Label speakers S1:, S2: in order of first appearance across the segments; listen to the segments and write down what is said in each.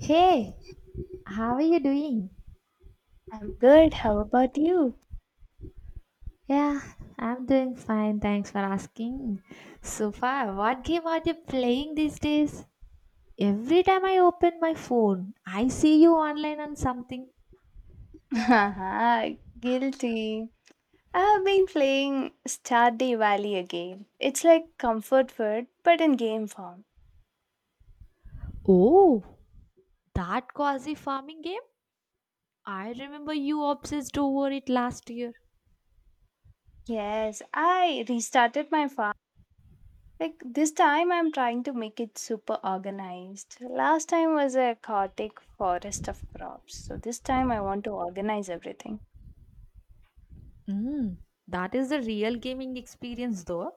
S1: Hey, how are you doing?
S2: I'm good. How about you?
S1: Yeah, I'm doing fine. Thanks for asking. So far, what game are you playing these days? Every time I open my phone, I see you online on something.
S2: Haha, guilty. I've been playing Stardew Valley again. It's like comfort food, but in game form.
S1: Oh, that cozy farming game? I remember you obsessed over it last year.
S2: Yes, I restarted my farm. Like this time, I'm trying to make it super organized. Last time was a chaotic forest of crops, so this time I want to organize everything.
S1: Mm, that is the real gaming experience though.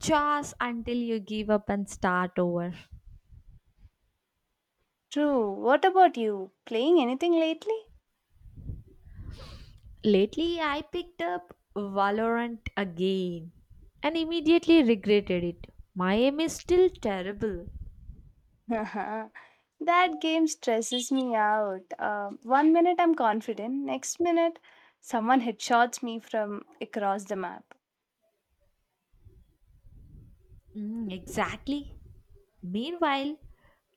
S1: Chores until you give up and start over.
S2: True. What about you? Playing anything lately?
S1: Lately, I picked up Valorant again and immediately regretted it. My aim is still terrible.
S2: Haha. That game stresses me out. One minute I'm confident, next minute someone headshots me from across the map.
S1: Mm, exactly. Meanwhile,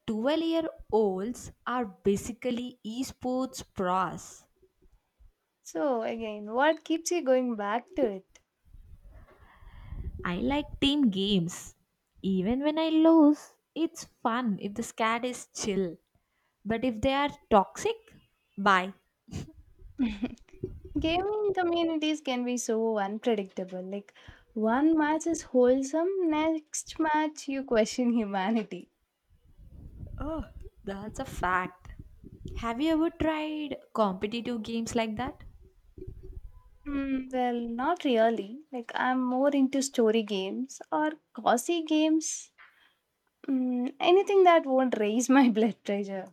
S1: 12-year-olds are basically esports pros.
S2: So, again, what keeps you going back to it?
S1: I like team games. Even when I lose, it's fun if the squad is chill. But if they are toxic, bye.
S2: Gaming communities can be so unpredictable. One match is wholesome, next match you question humanity.
S1: Oh, that's a fact. Have you ever tried competitive games like that?
S2: Not really. I'm more into story games or cozy games. Mm, anything that won't raise my blood pressure.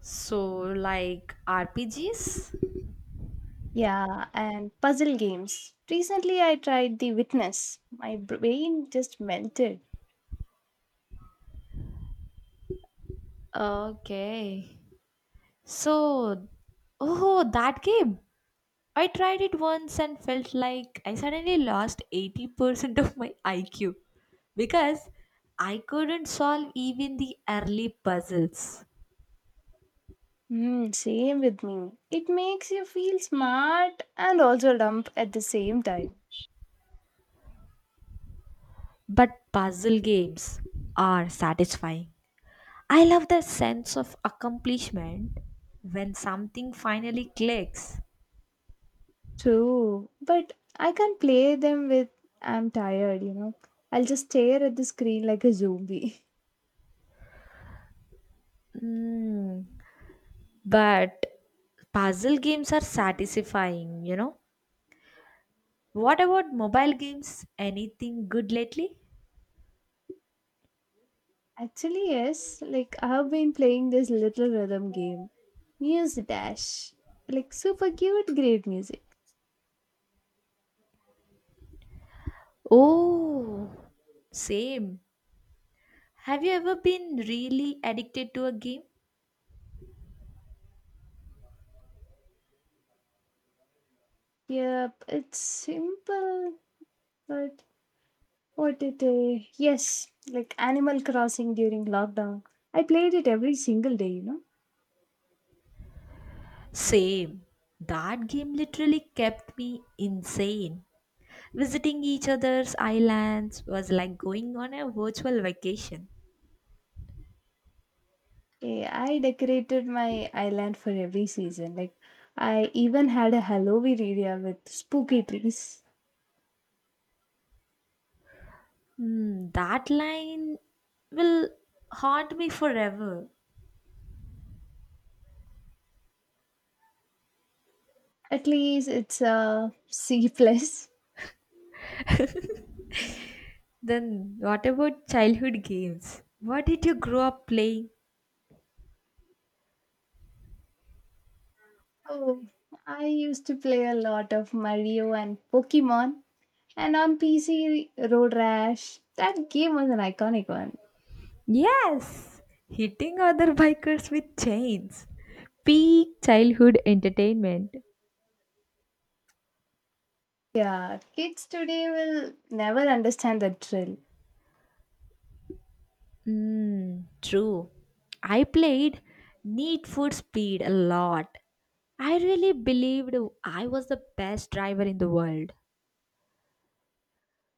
S1: So, like RPGs?
S2: Yeah, and puzzle games. Recently, I tried The Witness. My brain just melted.
S1: Okay. So, oh, that game, I tried it once and felt like I suddenly lost 80% of my IQ because I couldn't solve even the early puzzles.
S2: Hmm, same with me. It makes you feel smart and also dumb at the same time.
S1: But puzzle games are satisfying. I love the sense of accomplishment when something finally clicks.
S2: True, but I can't play them with I'm tired. I'll just stare at the screen like a zombie.
S1: Hmm. But puzzle games are satisfying, you know. What about mobile games? Anything good lately?
S2: Actually, yes, I have been playing this little rhythm game, Muse Dash. Like super cute, great music.
S1: Oh, same. Have you ever been really addicted to a game?
S2: Yep, it's simple. But what it I? Yes, like Animal Crossing during lockdown. I played it every single day.
S1: Same. That game literally kept me insane. Visiting each other's islands was like going on a virtual vacation.
S2: Eh, I decorated my island for every season. I even had a Halloween area with spooky trees.
S1: Hmm, that line will haunt me forever.
S2: At least it's a C plus.
S1: Then what about childhood games? What did you grow up playing?
S2: Oh, I used to play a lot of Mario and Pokemon, and on PC, Road Rash. That game was an iconic one.
S1: Yes, hitting other bikers with chains. Peak childhood entertainment.
S2: Yeah, kids today will never understand the thrill.
S1: Mm, true. I played Need for Speed a lot. I really believed I was the best driver in the world.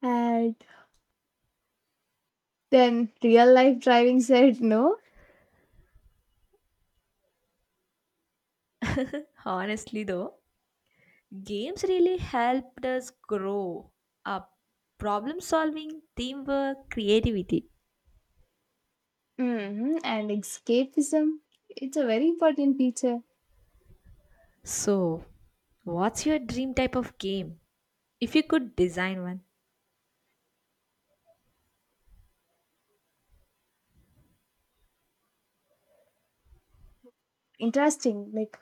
S2: And then real life driving said no.
S1: Honestly, though, games really helped us grow up. Problem solving, teamwork, creativity.
S2: hmm And escapism, it's a very important feature.
S1: So, what's your dream type of game? If you could design one.
S2: Interesting, like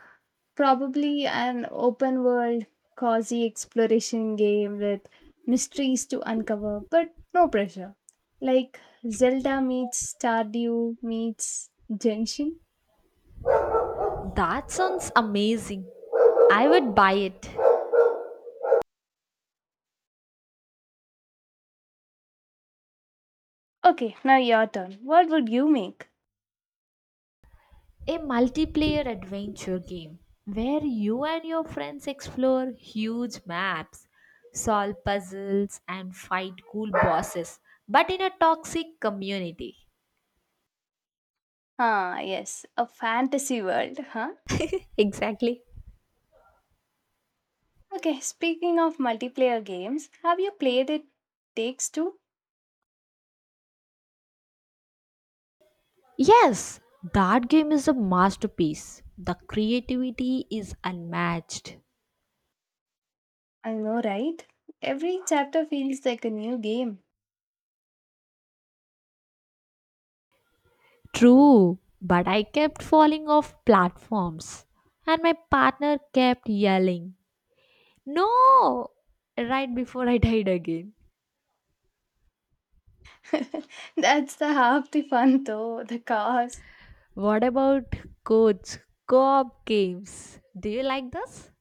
S2: probably an open world, cozy exploration game with mysteries to uncover, but no pressure. Like Zelda meets Stardew meets Genshin.
S1: That sounds amazing. I would buy it.
S2: Okay, now your turn. What would you make?
S1: A multiplayer adventure game where you and your friends explore huge maps, solve puzzles, and fight cool bosses, but in a toxic community.
S2: Ah, yes, a fantasy world.
S1: Exactly.
S2: Okay, speaking of multiplayer games, have you played it Takes Two?
S1: Yes, that game is a masterpiece. The creativity is unmatched.
S2: I know, right? Every chapter feels like a new game.
S1: True, but I kept falling off platforms and my partner kept yelling, "No!" right before I died again.
S2: That's the half the fun though, the cars.
S1: What about coach co op games? Do you like this?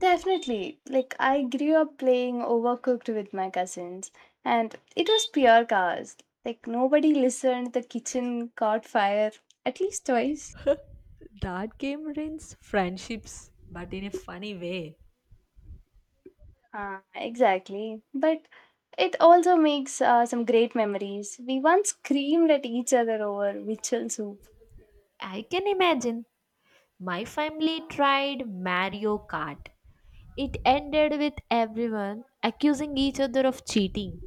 S2: Definitely. Like I grew up playing Overcooked with my cousins and it was pure cars. Like nobody listened, the kitchen caught fire at least twice.
S1: That game ruins friendships, but in a funny way.
S2: Ah, exactly. But it also makes some great memories. We once screamed at each other over Mitchell soup.
S1: I can imagine. My family tried Mario Kart. It ended with everyone accusing each other of cheating.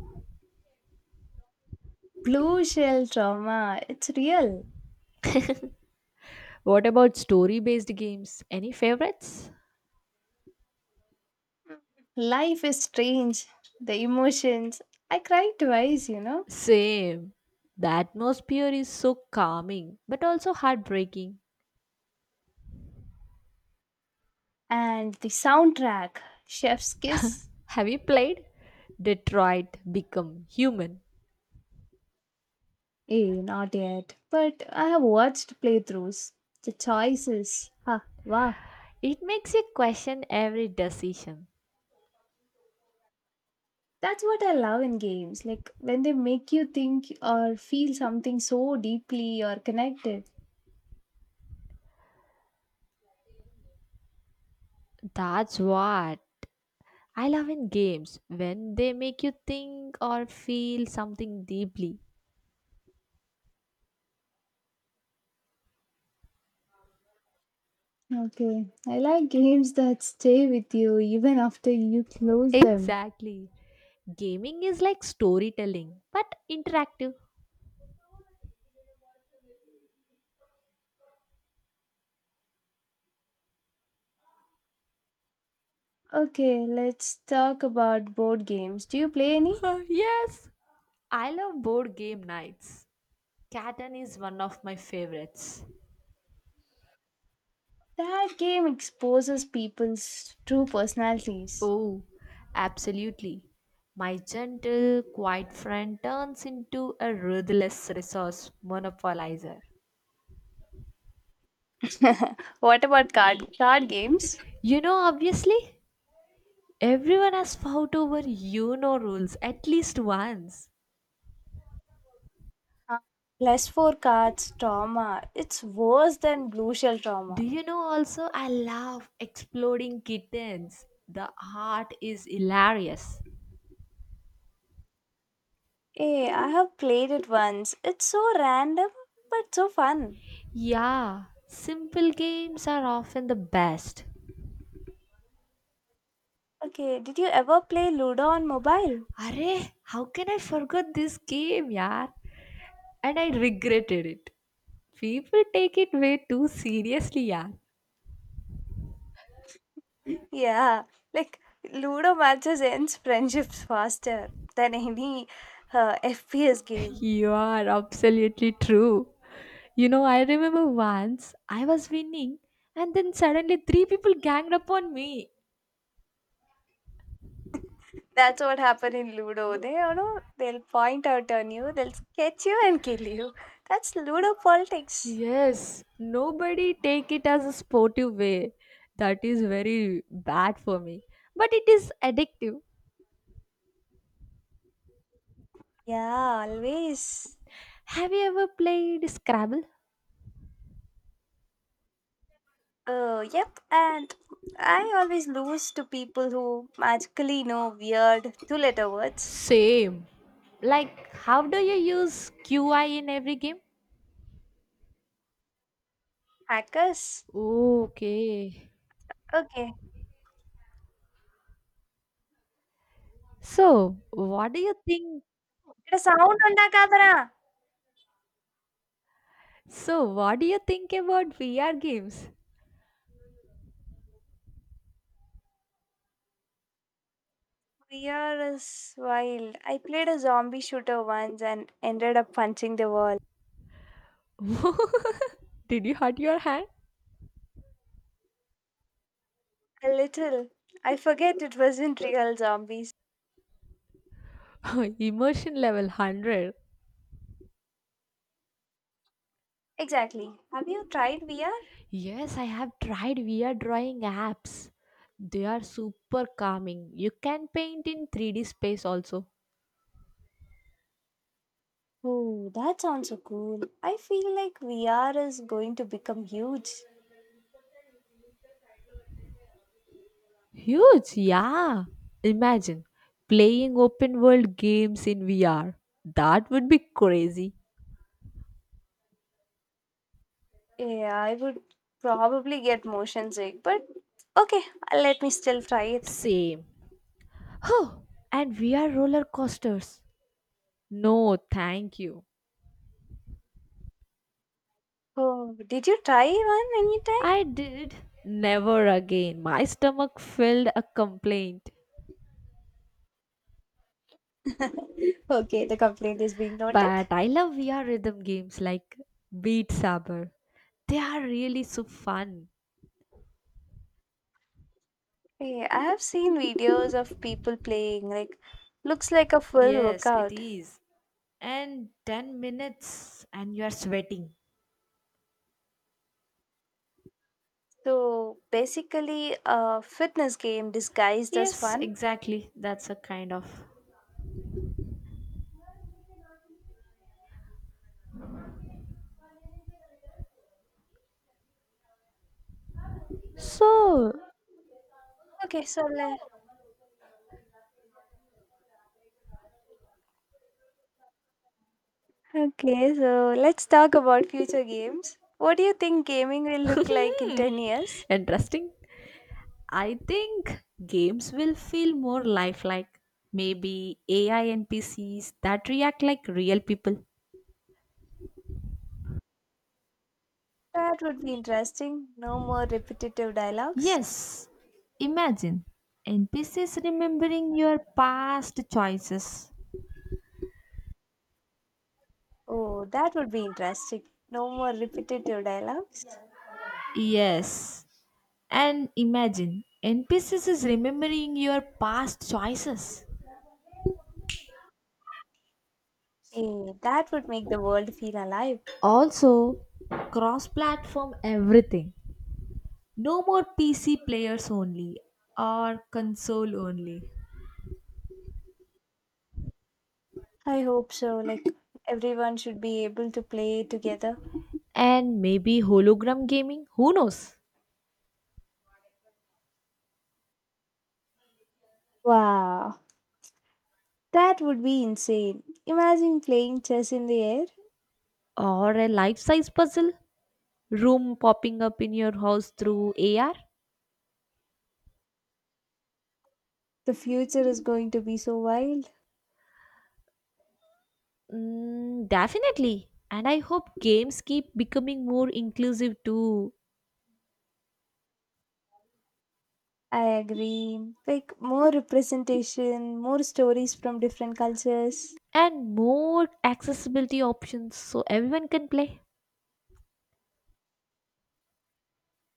S2: Blue shell trauma. It's real.
S1: What about story based games? Any favorites?
S2: Life is strange. The emotions. I cried twice.
S1: Same. The atmosphere is so calming but also heartbreaking.
S2: And the soundtrack, Chef's Kiss.
S1: Have you played Detroit Become Human?
S2: Eh, not yet. But I have watched playthroughs. The choices. Ha, wow.
S1: It makes you question every decision.
S2: That's what I love in games, like when they make you think or feel something so deeply or connected.
S1: That's what I love in games when they make you think or feel something deeply.
S2: Okay, I like games that stay with you even after you close them.
S1: Exactly. Gaming is like storytelling but interactive.
S2: Okay, let's talk about board games. Do you play any?
S1: Yes, I love board game nights. Catan is one of my favorites.
S2: That game exposes people's true personalities.
S1: Oh, absolutely. My gentle, quiet friend turns into a ruthless resource monopolizer.
S2: what about card games?
S1: Obviously, everyone has fought over rules at least once.
S2: Uh, Plus four cards trauma. It's worse than blue shell
S1: Do
S2: trauma.
S1: you know also I love exploding kittens? The art is hilarious.
S2: Hey, I have played it once. It's so random but so fun.
S1: Yeah, simple games are often the best.
S2: Okay, did you ever play Ludo on mobile?
S1: Arey, how can I forget this game, yaar? And I regretted it. People take it way too seriously, yeah.
S2: Mm. Yeah, like Ludo matches ends friendships faster than any FPS game.
S1: You are absolutely true. You know, I remember once I was winning, and then suddenly three people ganged up on me.
S2: That's what happened in Ludo. They, they'll point out on you, they'll catch you and kill you. That's Ludo politics.
S1: Yes, nobody take it as a sportive way. That is very bad for me. But it is addictive.
S2: Yeah, always.
S1: Have you ever played Scrabble?
S2: Yep, and I always lose to people who magically know weird two letter words.
S1: Same. Like, how do you use QI in every game?
S2: Hackers?
S1: Okay.
S2: Okay.
S1: So, what do you think
S2: ఇక్కడ sound ఉందా కాదరా?
S1: So, what do you think about VR games?
S2: Weird is wild. I played a zombie shooter once and ended up punching the wall.
S1: Did you hurt your hand?
S2: A little. I forget it wasn't real zombies.
S1: Immersion level 100.
S2: Exactly. Have you tried VR?
S1: Yes, I have tried VR drawing apps. They are super calming. You can paint in 3D space also.
S2: Oh, that sounds so cool. I feel like VR is going to become huge.
S1: Huge, yeah. Imagine playing open world games in VR. That would be crazy.
S2: Yeah, I would probably get motion sick, but okay, let me still try it.
S1: Same. Oh, and VR roller coasters. No, thank you.
S2: Oh, did you try one
S1: I did. Never again. My stomach filled a complaint.
S2: anytime? okay, the complaint is being noted.
S1: But I love VR rhythm games like Beat Saber. They are really so fun.
S2: Yeah, I have seen videos of people playing, like, looks like a full
S1: Yes, it
S2: workout.
S1: is. And 10 minutes and you are sweating.
S2: So basically, a fitness game disguised as
S1: Yes,
S2: fun.
S1: exactly. That's a kind of. So,
S2: Okay, so let. Okay, so let's talk about future games. What do you think gaming will look like in 10 years?
S1: interesting. I think games will feel more lifelike. Maybe AI NPCs that react like real people.
S2: That would be interesting. No more repetitive dialogues.
S1: Yes, imagine NPCs remembering your past choices.
S2: Oh, that would be interesting. No more repetitive dialogues.
S1: Yes, and imagine NPCs is remembering your past choices.
S2: Eh, that would make the world feel alive.
S1: Also, cross platform everything. No more PC players only or console only.
S2: I hope so. Like everyone should be able to play together.
S1: And maybe hologram gaming, who knows?
S2: Wow, that would be insane. Imagine playing chess in the air.
S1: Or a life size puzzle room popping up in your house through AR.
S2: The future is going to be so wild.
S1: Mm, definitely. And I hope games keep becoming more inclusive too,
S2: I agree. Like more representation, more stories from different cultures.
S1: and more accessibility options so everyone can play.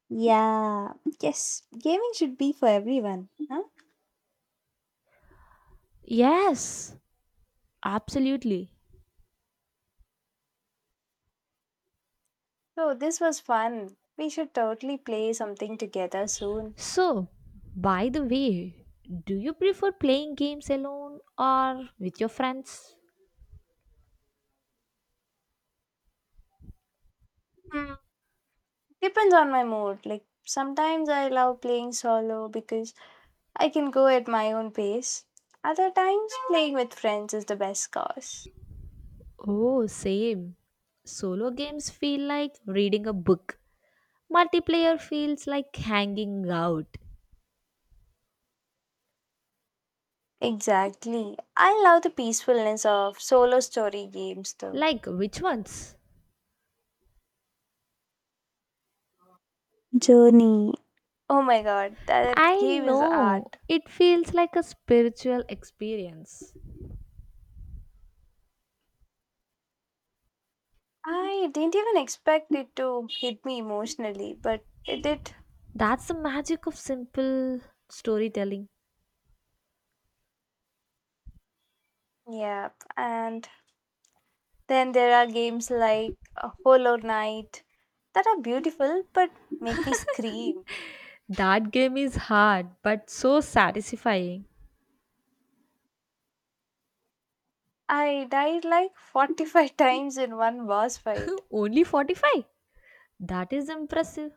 S2: Yeah, yes, gaming should be for everyone. Huh?
S1: Yes, absolutely.
S2: So this was fun. We should totally play something together soon.
S1: So, by the way, do you prefer playing games alone or with your friends?
S2: Hmm. Depends on my mood. Like sometimes I love playing solo because I can go at my own pace. Other times playing with friends is the best cause.
S1: Oh, same. Solo games feel like reading a book, multiplayer feels like hanging out.
S2: Exactly. I love the peacefulness of solo story games though.
S1: Like, which ones?
S2: Journey. Oh my god, that
S1: I
S2: game is
S1: know.
S2: art.
S1: It feels like a spiritual experience.
S2: I didn't even expect it to hit me emotionally, but it did.
S1: That's the magic of simple storytelling.
S2: Yeah, and Then there are games like Hollow Knight that are beautiful but make me scream.
S1: That game is hard but so satisfying.
S2: I died like 45 times in one boss fight.
S1: Only 45? That is impressive.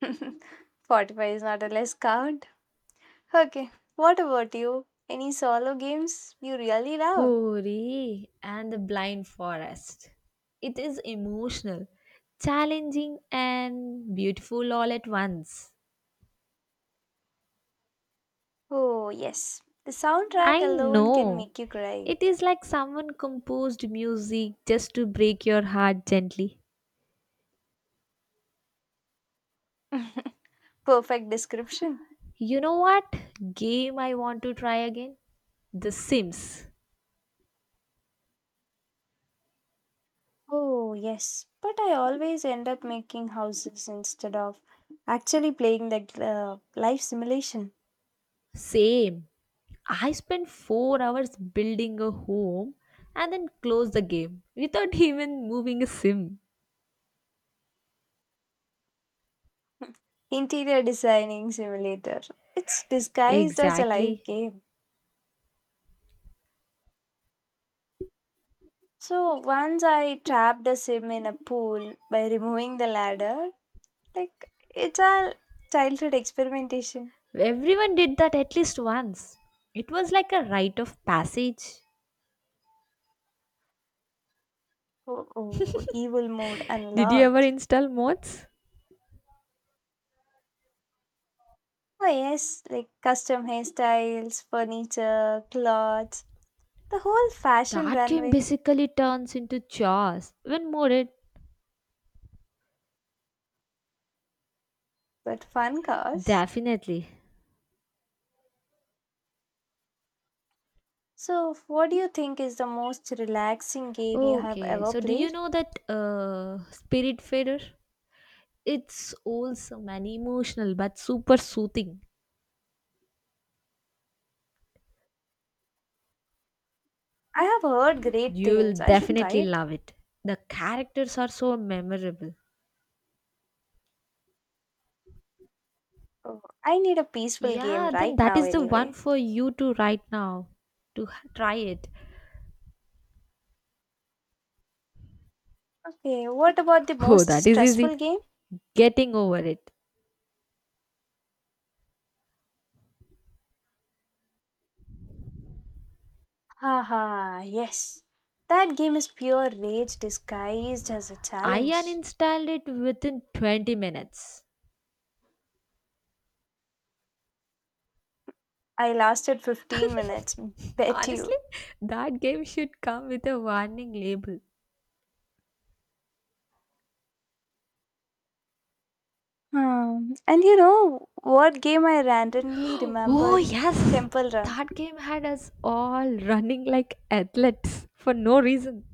S2: 45 is not a less count. Okay, what about you? Any solo games you really love?
S1: Hori and the blind forest. It is emotional, challenging, and beautiful all at once.
S2: Oh, yes. The soundtrack
S1: I
S2: alone can
S1: know.
S2: make you cry.
S1: It is like someone composed music just to break your heart gently.
S2: Perfect description.
S1: You know what game I want to try again? The Sims.
S2: Oh, yes. But I always end up making houses instead of actually playing the life simulation.
S1: Same. I spent 4 hours building a home and then closed the game without even moving a sim.
S2: Interior Designing Simulator. It's disguised as a live
S1: Exactly.
S2: game. So once I trapped a sim in a pool by removing the ladder. Like it's all childhood experimentation.
S1: Everyone did that at least once. It was like a rite of passage.
S2: Oh, evil mode
S1: Did you ever
S2: unlocked.
S1: install mods?
S2: Oh yes, like custom hairstyles, furniture, clothes, the whole fashion
S1: That game
S2: runway,
S1: basically turns into chores when modded.
S2: but fun cars.
S1: Definitely.
S2: So what do you think is the most relaxing game you have
S1: Okay,
S2: ever
S1: so do you
S2: played?
S1: know that Spirit Fader? It's wholesome and emotional, but super soothing.
S2: I have heard great
S1: You will
S2: things. I should try
S1: definitely
S2: it.
S1: love it. The characters are so memorable.
S2: Oh, I need a peaceful game
S1: Yeah, then
S2: right
S1: that
S2: now,
S1: is the one
S2: anyway.
S1: for you to right now to try it.
S2: Okay, what about the
S1: Oh,
S2: most
S1: that is
S2: stressful
S1: easy.
S2: game?
S1: Getting over it.
S2: Haha, yes. That game is pure rage disguised as a
S1: I
S2: challenge.
S1: uninstalled it within 20 minutes.
S2: I lasted 15 minutes, bet
S1: Honestly,
S2: you.
S1: that game should come with a warning label.
S2: Hmm. And you know what game I randomly
S1: Oh,
S2: remembered?
S1: yes.
S2: Temple Run.
S1: That game had us all running like athletes for no reason.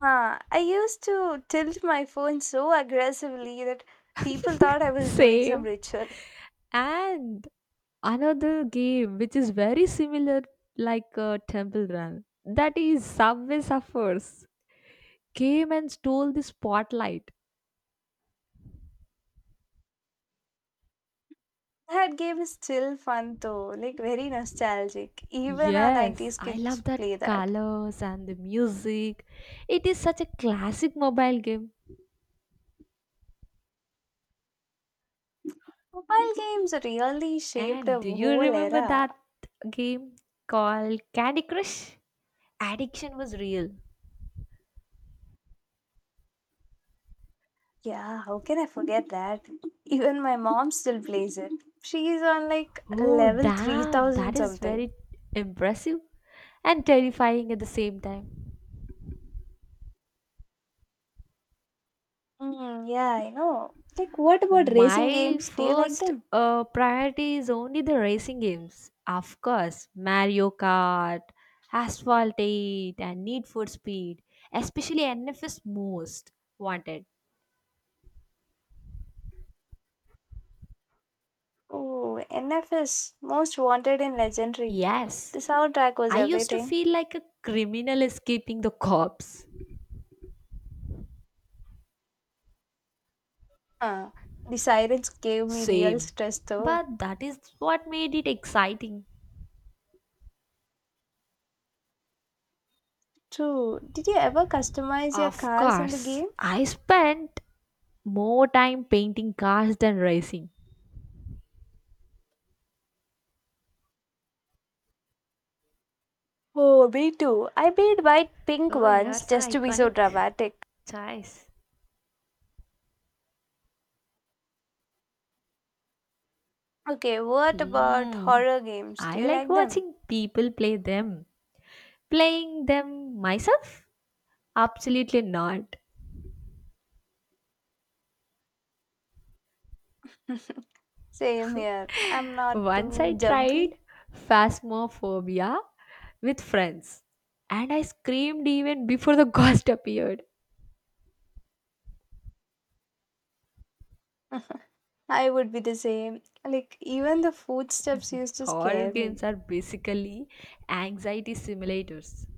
S2: Huh, I used to tilt my phone so aggressively that people thought I was doing some
S1: Same.
S2: ritual.
S1: And another game which is very similar like Temple Run. That is Subway Surfers. Came and stole the spotlight.
S2: That game is still fun though, like very nostalgic. Even our
S1: Yes,
S2: 90s
S1: I
S2: kids
S1: love
S2: play
S1: that
S2: that.
S1: colors and the music. It is such a classic mobile game.
S2: Mobile games really shaped
S1: And
S2: a
S1: do you
S2: whole
S1: remember that
S2: era.
S1: game called Candy Crush? Addiction was real.
S2: Yeah, how can I forget that? Even my mom still plays it. She's on like
S1: Oh,
S2: level
S1: damn, that
S2: 3,000
S1: is
S2: something.
S1: very impressive and terrifying at the same time.
S2: Mm, yeah, I know. Like, what about racing
S1: My
S2: games? Do you like
S1: first
S2: them?
S1: priority is only the racing games. Of course, Mario Kart, Asphalt 8, and Need for Speed, especially NFS Most Wanted.
S2: Oh, NFS, Most Wanted and Legendary.
S1: Yes,
S2: The soundtrack was
S1: I used to
S2: everything.
S1: feel like a criminal escaping the cops.
S2: Huh. The sirens gave me real
S1: Same.
S2: stress though.
S1: But that is what made it exciting.
S2: True. Did you ever customize your
S1: Of
S2: cars in the
S1: course,
S2: game?
S1: I spent more time painting cars than racing.
S2: Oh, me too. I made white pink
S1: Oh, you're
S2: ones
S1: so
S2: just to be so
S1: iconic
S2: dramatic.
S1: choice.
S2: Okay, what about
S1: Hmm.
S2: horror games? Do
S1: I
S2: you
S1: like
S2: like them?
S1: watching people play them. Playing them myself? Absolutely not.
S2: Same here. I'm not
S1: Once I
S2: too
S1: tried
S2: jumpy.
S1: Phasmophobia with friends and I screamed even before the ghost appeared.
S2: I would be the same. Like, even the footsteps used to
S1: Horror
S2: scare me.
S1: games are basically anxiety simulators.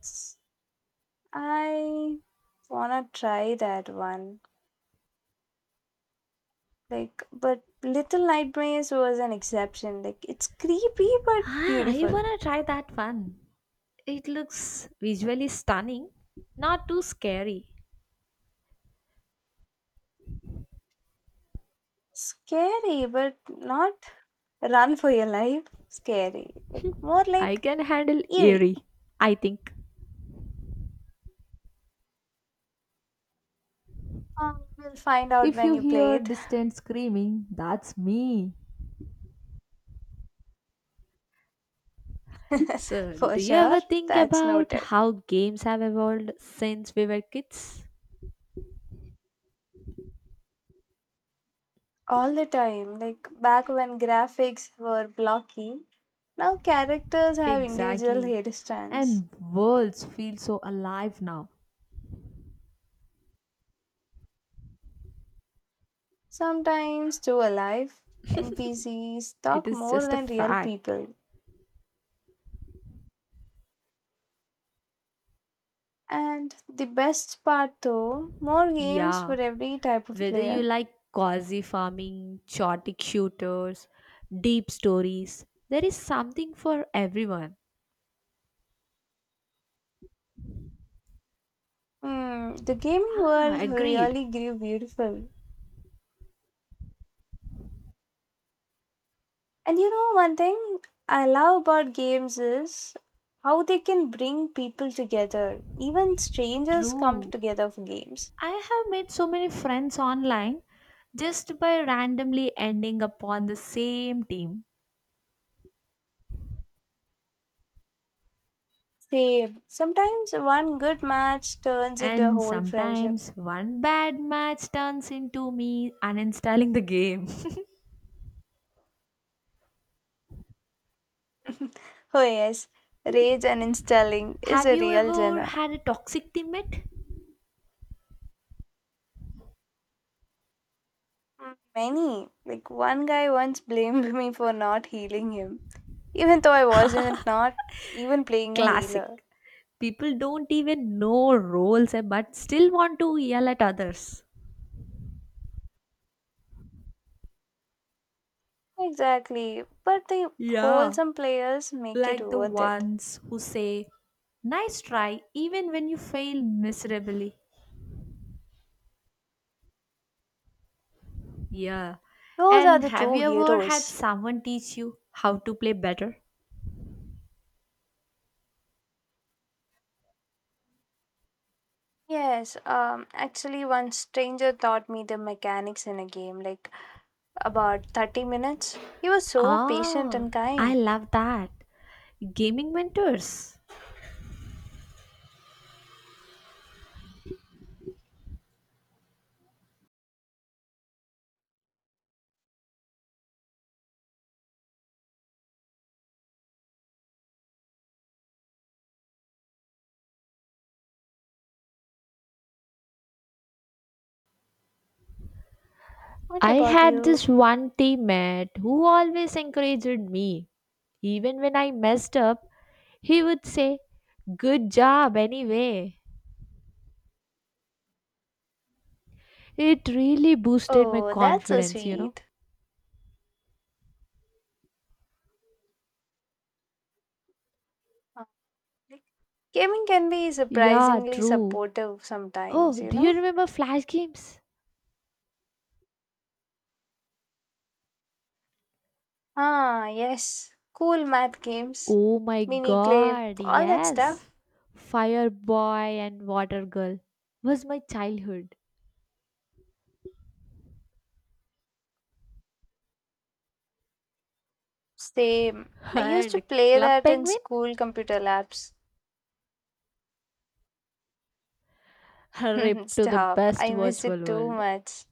S2: S- I wanna try that one. Like, but Little Nightmares was an exception. Like, it's creepy but
S1: Ah, I
S2: beautiful.
S1: wanna try that one. It looks visually stunning, not too scary.
S2: Scary, but not run for your life. Scary. Like more
S1: I
S2: like
S1: can handle
S2: eerie.
S1: eerie, I think.
S2: We'll find out
S1: If
S2: when
S1: you
S2: you play
S1: hear
S2: it.
S1: distant screaming, that's me. So,
S2: for
S1: do you
S2: sure.
S1: ever think
S2: That's
S1: about
S2: noted.
S1: how games have evolved since we were kids?
S2: All the time. Like back when graphics were blocky. Now characters have individual
S1: Exactly.
S2: hairstyles.
S1: And worlds feel so alive now.
S2: Sometimes too alive. NPCs
S1: It
S2: talk
S1: is
S2: more
S1: just a
S2: than real
S1: fact.
S2: people. And the best part though, more games for
S1: Yeah,
S2: every type of
S1: whether you
S2: player.
S1: like cozy farming, chaotic shooters, deep stories, there is something for everyone.
S2: Hmm, the gaming
S1: Ah,
S2: world
S1: agreed.
S2: really grew beautiful. And you know, one thing I love about games is how they can bring people together. Even strangers come
S1: True.
S2: together for games.
S1: I have made so many friends online just by randomly ending upon the same team.
S2: Say, sometimes one good match turns into a
S1: And
S2: whole friendship.
S1: sometimes one bad match turns into me uninstalling the game.
S2: Oh, yes, rage and installing is
S1: Have
S2: a
S1: you
S2: real
S1: ever
S2: genre.
S1: had a toxic teammate?
S2: Mm, Many, like one guy once blamed me for not healing him, even though I wasn't not even playing a healer.
S1: Classic. People don't even know roles eh, but still want to yell at others.
S2: Exactly, but the
S1: Yeah,
S2: wholesome players make it
S1: like the
S2: worth it.
S1: ones who say, "Nice try," even when you fail miserably. Yeah.
S2: Those are
S1: And
S2: the
S1: have
S2: true
S1: you ever had
S2: heroes.
S1: someone teach you how to play better?
S2: Yes, actually, one stranger taught me the mechanics in a game, like about 30 minutes. He was so patient
S1: Ah,
S2: and
S1: I
S2: kind.
S1: love that. Gaming mentors.
S2: What
S1: I
S2: about
S1: had
S2: you?
S1: this one teammate who always encouraged me. Even when I messed up, he would say, "Good job anyway." It really boosted my
S2: Oh, that's so
S1: confidence, you know.
S2: sweet. Uh, like, Gaming can be
S1: Yeah,
S2: surprisingly
S1: true.
S2: supportive
S1: Oh,
S2: sometimes, you
S1: do you
S2: know?
S1: remember Flash games?
S2: Ah, yes. Cool math games,
S1: Oh my
S2: mini clip,
S1: god,
S2: all that
S1: yes.
S2: stuff.
S1: Fire Boy and Water Girl was my childhood.
S2: Same. I used to
S1: And
S2: play
S1: Club
S2: that in
S1: Penguin?
S2: school computer labs.
S1: Rip to the
S2: Stop.
S1: best
S2: I miss
S1: virtual
S2: it too
S1: world.
S2: much.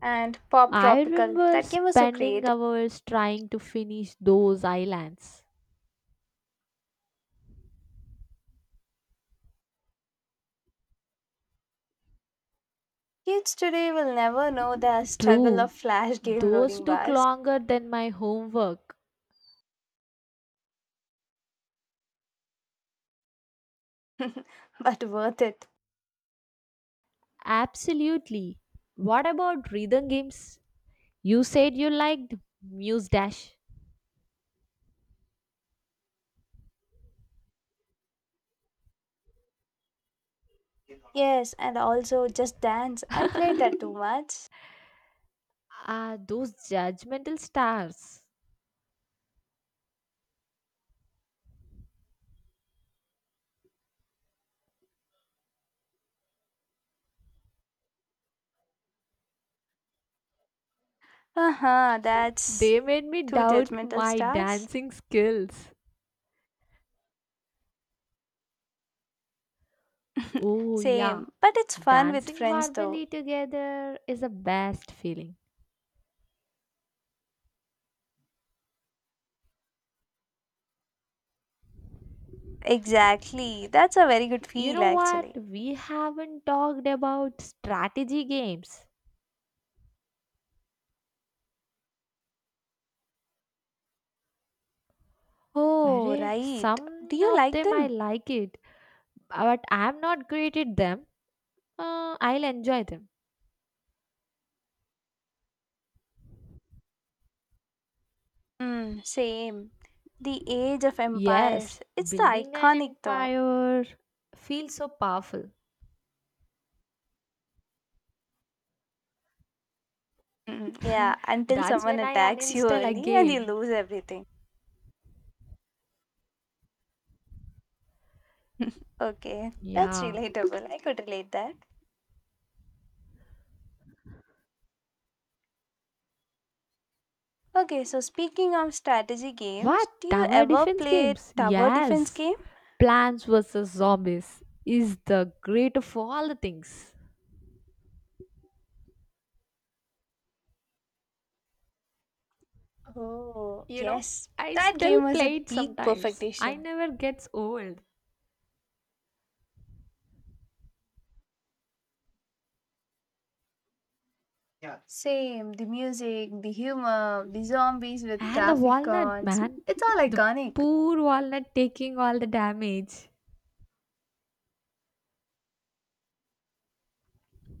S2: And Pop
S1: I
S2: Tropical.
S1: remember
S2: That game was so
S1: spending
S2: creative.
S1: hours trying to finish those islands.
S2: Kids today will never know the struggle
S1: True,
S2: of flash game
S1: those
S2: loading
S1: took
S2: bars.
S1: longer than my homework.
S2: but worth it.
S1: Absolutely. What about rhythm games? You said you liked Muse Dash.
S2: Yes, and also Just Dance. I played that too much.
S1: Ah, those judgmental stars.
S2: Uh-huh,
S1: They
S2: that's
S1: made me
S2: two
S1: doubt
S2: judgmental
S1: my
S2: stars.
S1: dancing skills. Oh, yeah.
S2: Same. But it's fun with
S1: Dancing
S2: friends though.
S1: horribly together is the best feeling.
S2: Exactly. That's a very good
S1: You
S2: feel
S1: know what?
S2: actually.
S1: We haven't talked about strategy games.
S2: Oh,
S1: Array,
S2: right. Do
S1: some
S2: you
S1: of
S2: like
S1: them I
S2: them?
S1: like it, but I'm not great at them. I'll enjoy them.
S2: Mm, same. The Age of Empires.
S1: Yes,
S2: It's the
S1: building an
S2: iconic though.
S1: empire feels so powerful.
S2: Mm, yeah, until
S1: That's
S2: someone
S1: when I
S2: attacks you
S1: uninstall
S2: early and you
S1: again.
S2: lose everything. Okay, that's
S1: Yeah.
S2: relatable. I could relate that. Okay, so speaking of strategy
S1: What?
S2: games, do you
S1: Tower
S2: ever
S1: defense
S2: play
S1: games?
S2: tower defense
S1: Yes.
S2: game?
S1: Plants vs. Zombies is the great of all the things.
S2: Oh,
S1: You know,
S2: yes.
S1: I
S2: That
S1: still
S2: game was
S1: play it
S2: at peak
S1: sometimes. I
S2: perfection.
S1: never gets old.
S2: Same, the music, the humor, the zombies with
S1: And the
S2: traffic
S1: walnut,
S2: cons.
S1: man.
S2: It's all
S1: The
S2: iconic.
S1: poor walnut taking all the damage.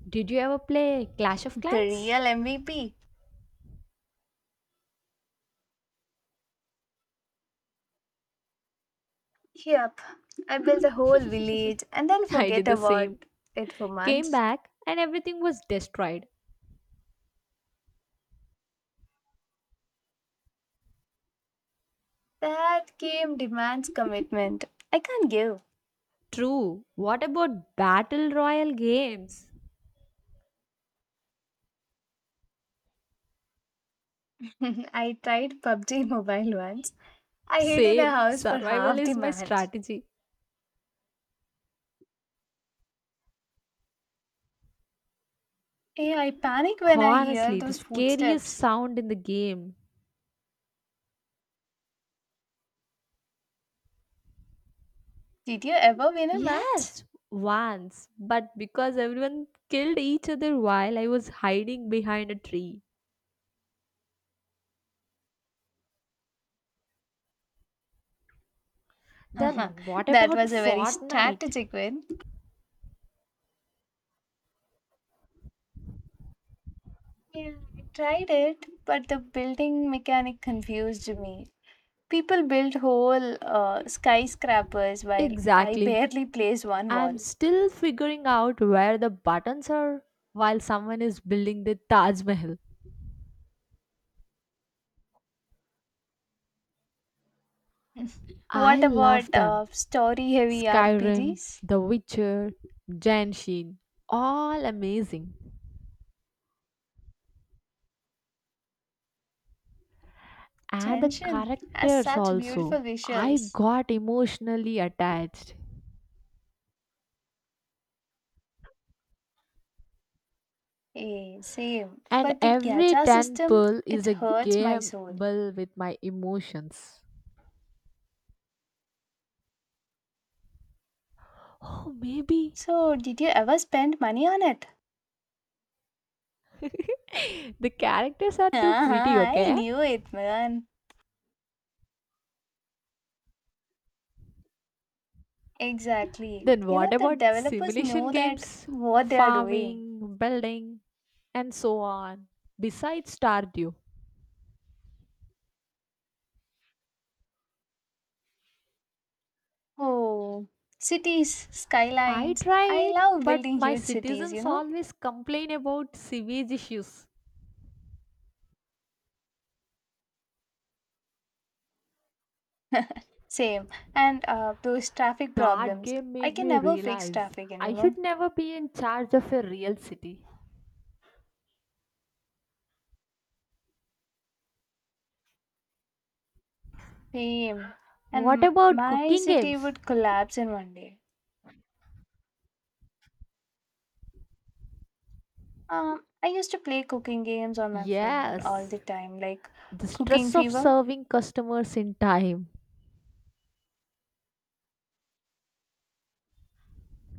S1: Did you ever play Clash of
S2: The
S1: Clans?
S2: real MVP. Yep. I built a whole village and then
S1: I did
S2: forget
S1: the
S2: about
S1: same.
S2: it for
S1: Came
S2: months.
S1: back and everything was destroyed.
S2: That game demands commitment. I can't give.
S1: True. What about Battle Royale games?
S2: I tried PUBG Mobile once. I hid in a
S1: Same.
S2: house for
S1: Survival
S2: half the
S1: is my
S2: match.
S1: strategy.
S2: Hey, I panic when I hear
S1: Honestly, the
S2: those
S1: scariest
S2: footsteps.
S1: sound in the game.
S2: Did you ever win a match?
S1: Yes, once. But because everyone killed each other while I was hiding behind a tree. Then what
S2: That
S1: about
S2: was a very
S1: Fortnite?
S2: strategic win. Yeah, I tried it, but the building mechanic confused me. People built whole skyscrapers while I
S1: Exactly.
S2: barely placed one
S1: I'm
S2: wall.
S1: still figuring out where the buttons are while someone is building the Taj Mahal. I
S2: What
S1: love
S2: about
S1: them.
S2: story heavy
S1: Skyrim,
S2: RPGs?
S1: The Witcher, Genshin, all amazing. And the
S2: Tension has
S1: characters
S2: such
S1: also.
S2: beautiful
S1: I
S2: visuals.
S1: got emotionally attached.
S2: Eh, same.
S1: And
S2: But the
S1: every
S2: gacha system,
S1: temple is
S2: it
S1: a
S2: hurts my soul.
S1: gamble with my emotions. Oh, maybe.
S2: So, did you ever spend money on it?
S1: The characters are too pretty,
S2: Ah, I
S1: okay?
S2: knew it, man. Exactly.
S1: Then
S2: You
S1: what
S2: know, the
S1: about
S2: developers
S1: simulation
S2: know that
S1: games,
S2: what they are doing.
S1: farming, building, and so on? Besides Stardew,
S2: Oh, cities,
S1: I
S2: skylines. I
S1: tried,
S2: love
S1: but
S2: building
S1: my
S2: huge cities, you
S1: citizens
S2: know?
S1: always complain about sewage issues.
S2: Same. And those traffic
S1: That
S2: problems.
S1: game
S2: I
S1: made
S2: can
S1: me
S2: never fix
S1: realize
S2: traffic
S1: I
S2: anymore.
S1: should never be in charge of a real city.
S2: Same. And
S1: What about
S2: my
S1: cooking
S2: city
S1: games?
S2: would collapse in one day. I used to play cooking games on my phone all
S1: Yes,
S2: the time, like
S1: the
S2: Cooking
S1: stress of
S2: Fever,
S1: serving customers in time.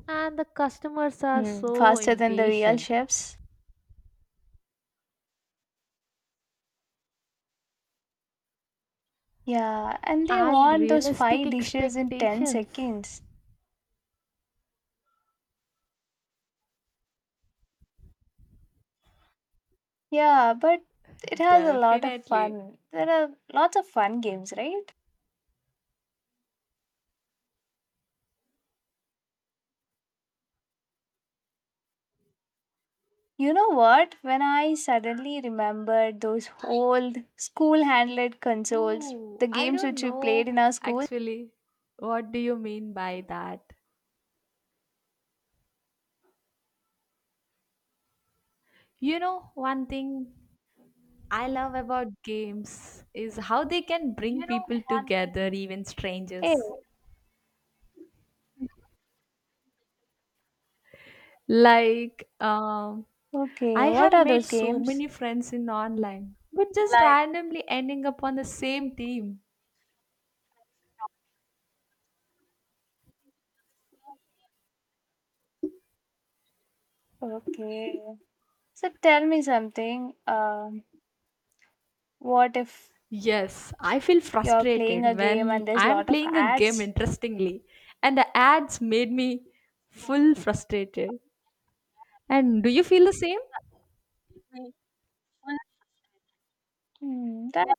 S1: And the customers are
S2: mm,
S1: so
S2: faster than the real
S1: impatient,
S2: chefs. Yeah, and they
S1: and
S2: want those
S1: realistic
S2: five dishes in 10
S1: expectations.
S2: seconds. Yeah, but it has a lot of
S1: Definitely.
S2: fun. There are lots of fun games, right? You know what? When I suddenly remembered those old school handled consoles,
S1: Ooh,
S2: the
S1: I
S2: games
S1: don't
S2: which we played
S1: know
S2: in our school.
S1: actually. What do you mean by that? You know, one thing I love about games is how they can bring people together, even
S2: Hey,
S1: strangers. Like, I
S2: okay, what
S1: have
S2: are
S1: made
S2: those
S1: so
S2: games?
S1: many friends in online, but just randomly ending up on the same team.
S2: Okay. So tell me something. What if
S1: Yes, I feel
S2: you're playing
S1: frustrated
S2: a game
S1: when
S2: and there's a
S1: I am
S2: lot of
S1: playing a game
S2: ads?
S1: interestingly and the ads made me full frustrated. And do you feel the same?
S2: Hmm, that,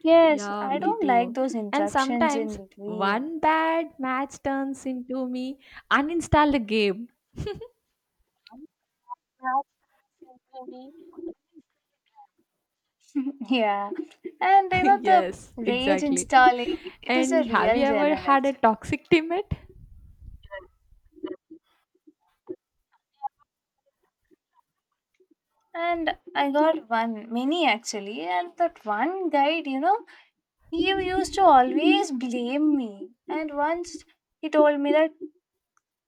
S2: yes,
S1: Yeah,
S2: I
S1: me
S2: don't like
S1: too.
S2: those
S1: And
S2: interruptions in
S1: sometimes
S2: between.
S1: one bad match turns into me uninstall the game.
S2: Yeah, and the
S1: Yes,
S2: rage
S1: exactly.
S2: installing. It is a
S1: And have you
S2: real
S1: ever
S2: journal
S1: had a
S2: actually,
S1: toxic teammate?
S2: and I got one, many actually, and that one guide. He used to always blame me, and once he told me that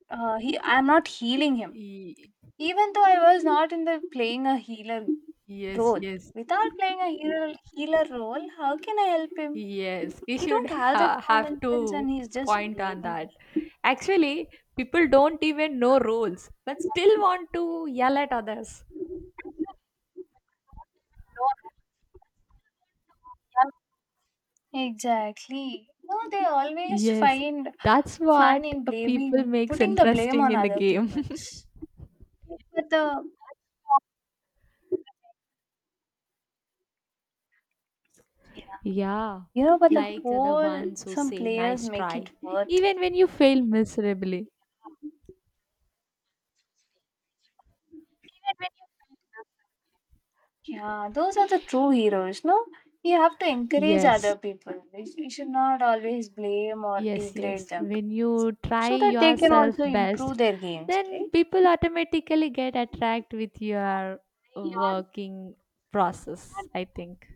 S2: he I'm not healing him,
S1: Ye-
S2: even though I was not in the playing a healer
S1: Yes,
S2: role.
S1: yes.
S2: Without playing a hero, healer role, how can I help him?
S1: Yes, we
S2: He
S1: should
S2: don't have that
S1: have
S2: common sense, and
S1: to
S2: he's just
S1: point on
S2: blaming
S1: that.
S2: me.
S1: Actually, people don't even know rules, but still want to yell at others.
S2: Exactly. No, they always
S1: Yes,
S2: find
S1: that's what
S2: fun in
S1: people
S2: blaming,
S1: makes
S2: putting the blame
S1: interesting
S2: on
S1: in the
S2: other
S1: game.
S2: people's. But the yeah,
S1: Yeah,
S2: you know, but the
S1: like the
S2: whole
S1: ones who
S2: some
S1: say
S2: players
S1: nice
S2: make
S1: try.
S2: it worth.
S1: Even when you fail miserably.
S2: Yeah, those are the true heroes. No, you have to encourage
S1: Yes,
S2: other people. You should not always blame or
S1: yes,
S2: degrade
S1: yes.
S2: them,
S1: When you try
S2: so that they can
S1: yourself
S2: also
S1: best,
S2: improve their games,
S1: then
S2: right?
S1: people automatically get attracted with your working process, I think.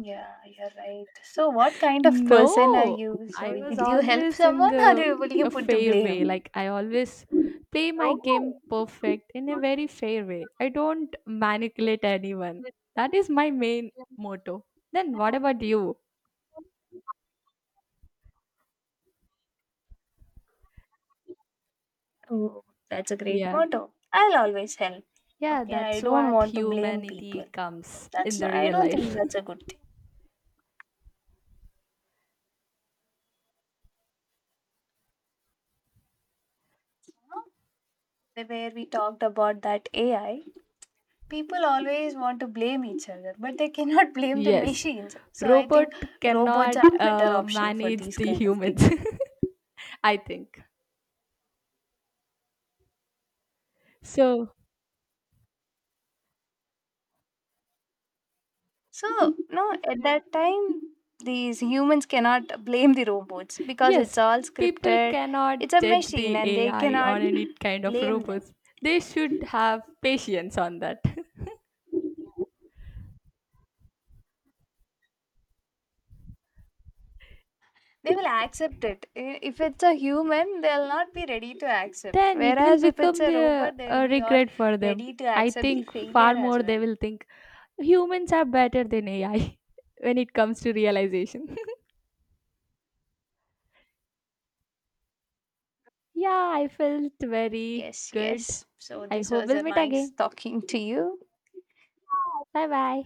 S2: Yeah, you're right. So, what kind of person are
S1: No,
S2: you? So,
S1: I was
S2: will you help
S1: always in
S2: someone, or
S1: the
S2: you- will you
S1: a
S2: put the
S1: fair way.
S2: blame?
S1: Like I always play my game perfect in a very fair way. I don't manipulate anyone. That is my main motto. Then what about you?
S2: Oh, that's a great
S1: Yeah.
S2: motto. I'll always help.
S1: Yeah,
S2: Okay, I
S1: that's
S2: don't
S1: what
S2: want to blame people.
S1: humanity comes in
S2: That's
S1: the
S2: I
S1: real
S2: don't think
S1: life.
S2: that's a good thing. You know. The Where we talked about that AI, people always want to blame each other, but they cannot blame the
S1: Yes,
S2: machines. So I
S1: robot
S2: think robots
S1: cannot
S2: are a better option for
S1: manage
S2: these
S1: the
S2: kind of
S1: humans,
S2: people.
S1: I think. So,
S2: So no, at that time these humans cannot blame the robots because it's
S1: yes,
S2: all
S1: people
S2: scripted. It's
S1: cannot
S2: a
S1: judge
S2: machine
S1: the
S2: and they
S1: AI or
S2: cannot
S1: any kind of
S2: blame them.
S1: robots. They should have patience on that.
S2: They will accept it. I- If it's a human, they'll not be ready to accept.
S1: Then it will
S2: Whereas if it's
S1: become
S2: a
S1: the
S2: robot, they'll be all
S1: regret for them.
S2: ready to
S1: I
S2: accept the
S1: think
S2: failure
S1: far
S2: as
S1: more they
S2: well.
S1: will think humans are better than AI when it comes to realization. Yeah, I felt very
S2: Yes,
S1: good.
S2: yes. So
S1: I
S2: this
S1: hope
S2: was
S1: we'll
S2: a
S1: meet
S2: nice
S1: again.
S2: talking to you.
S1: Bye bye.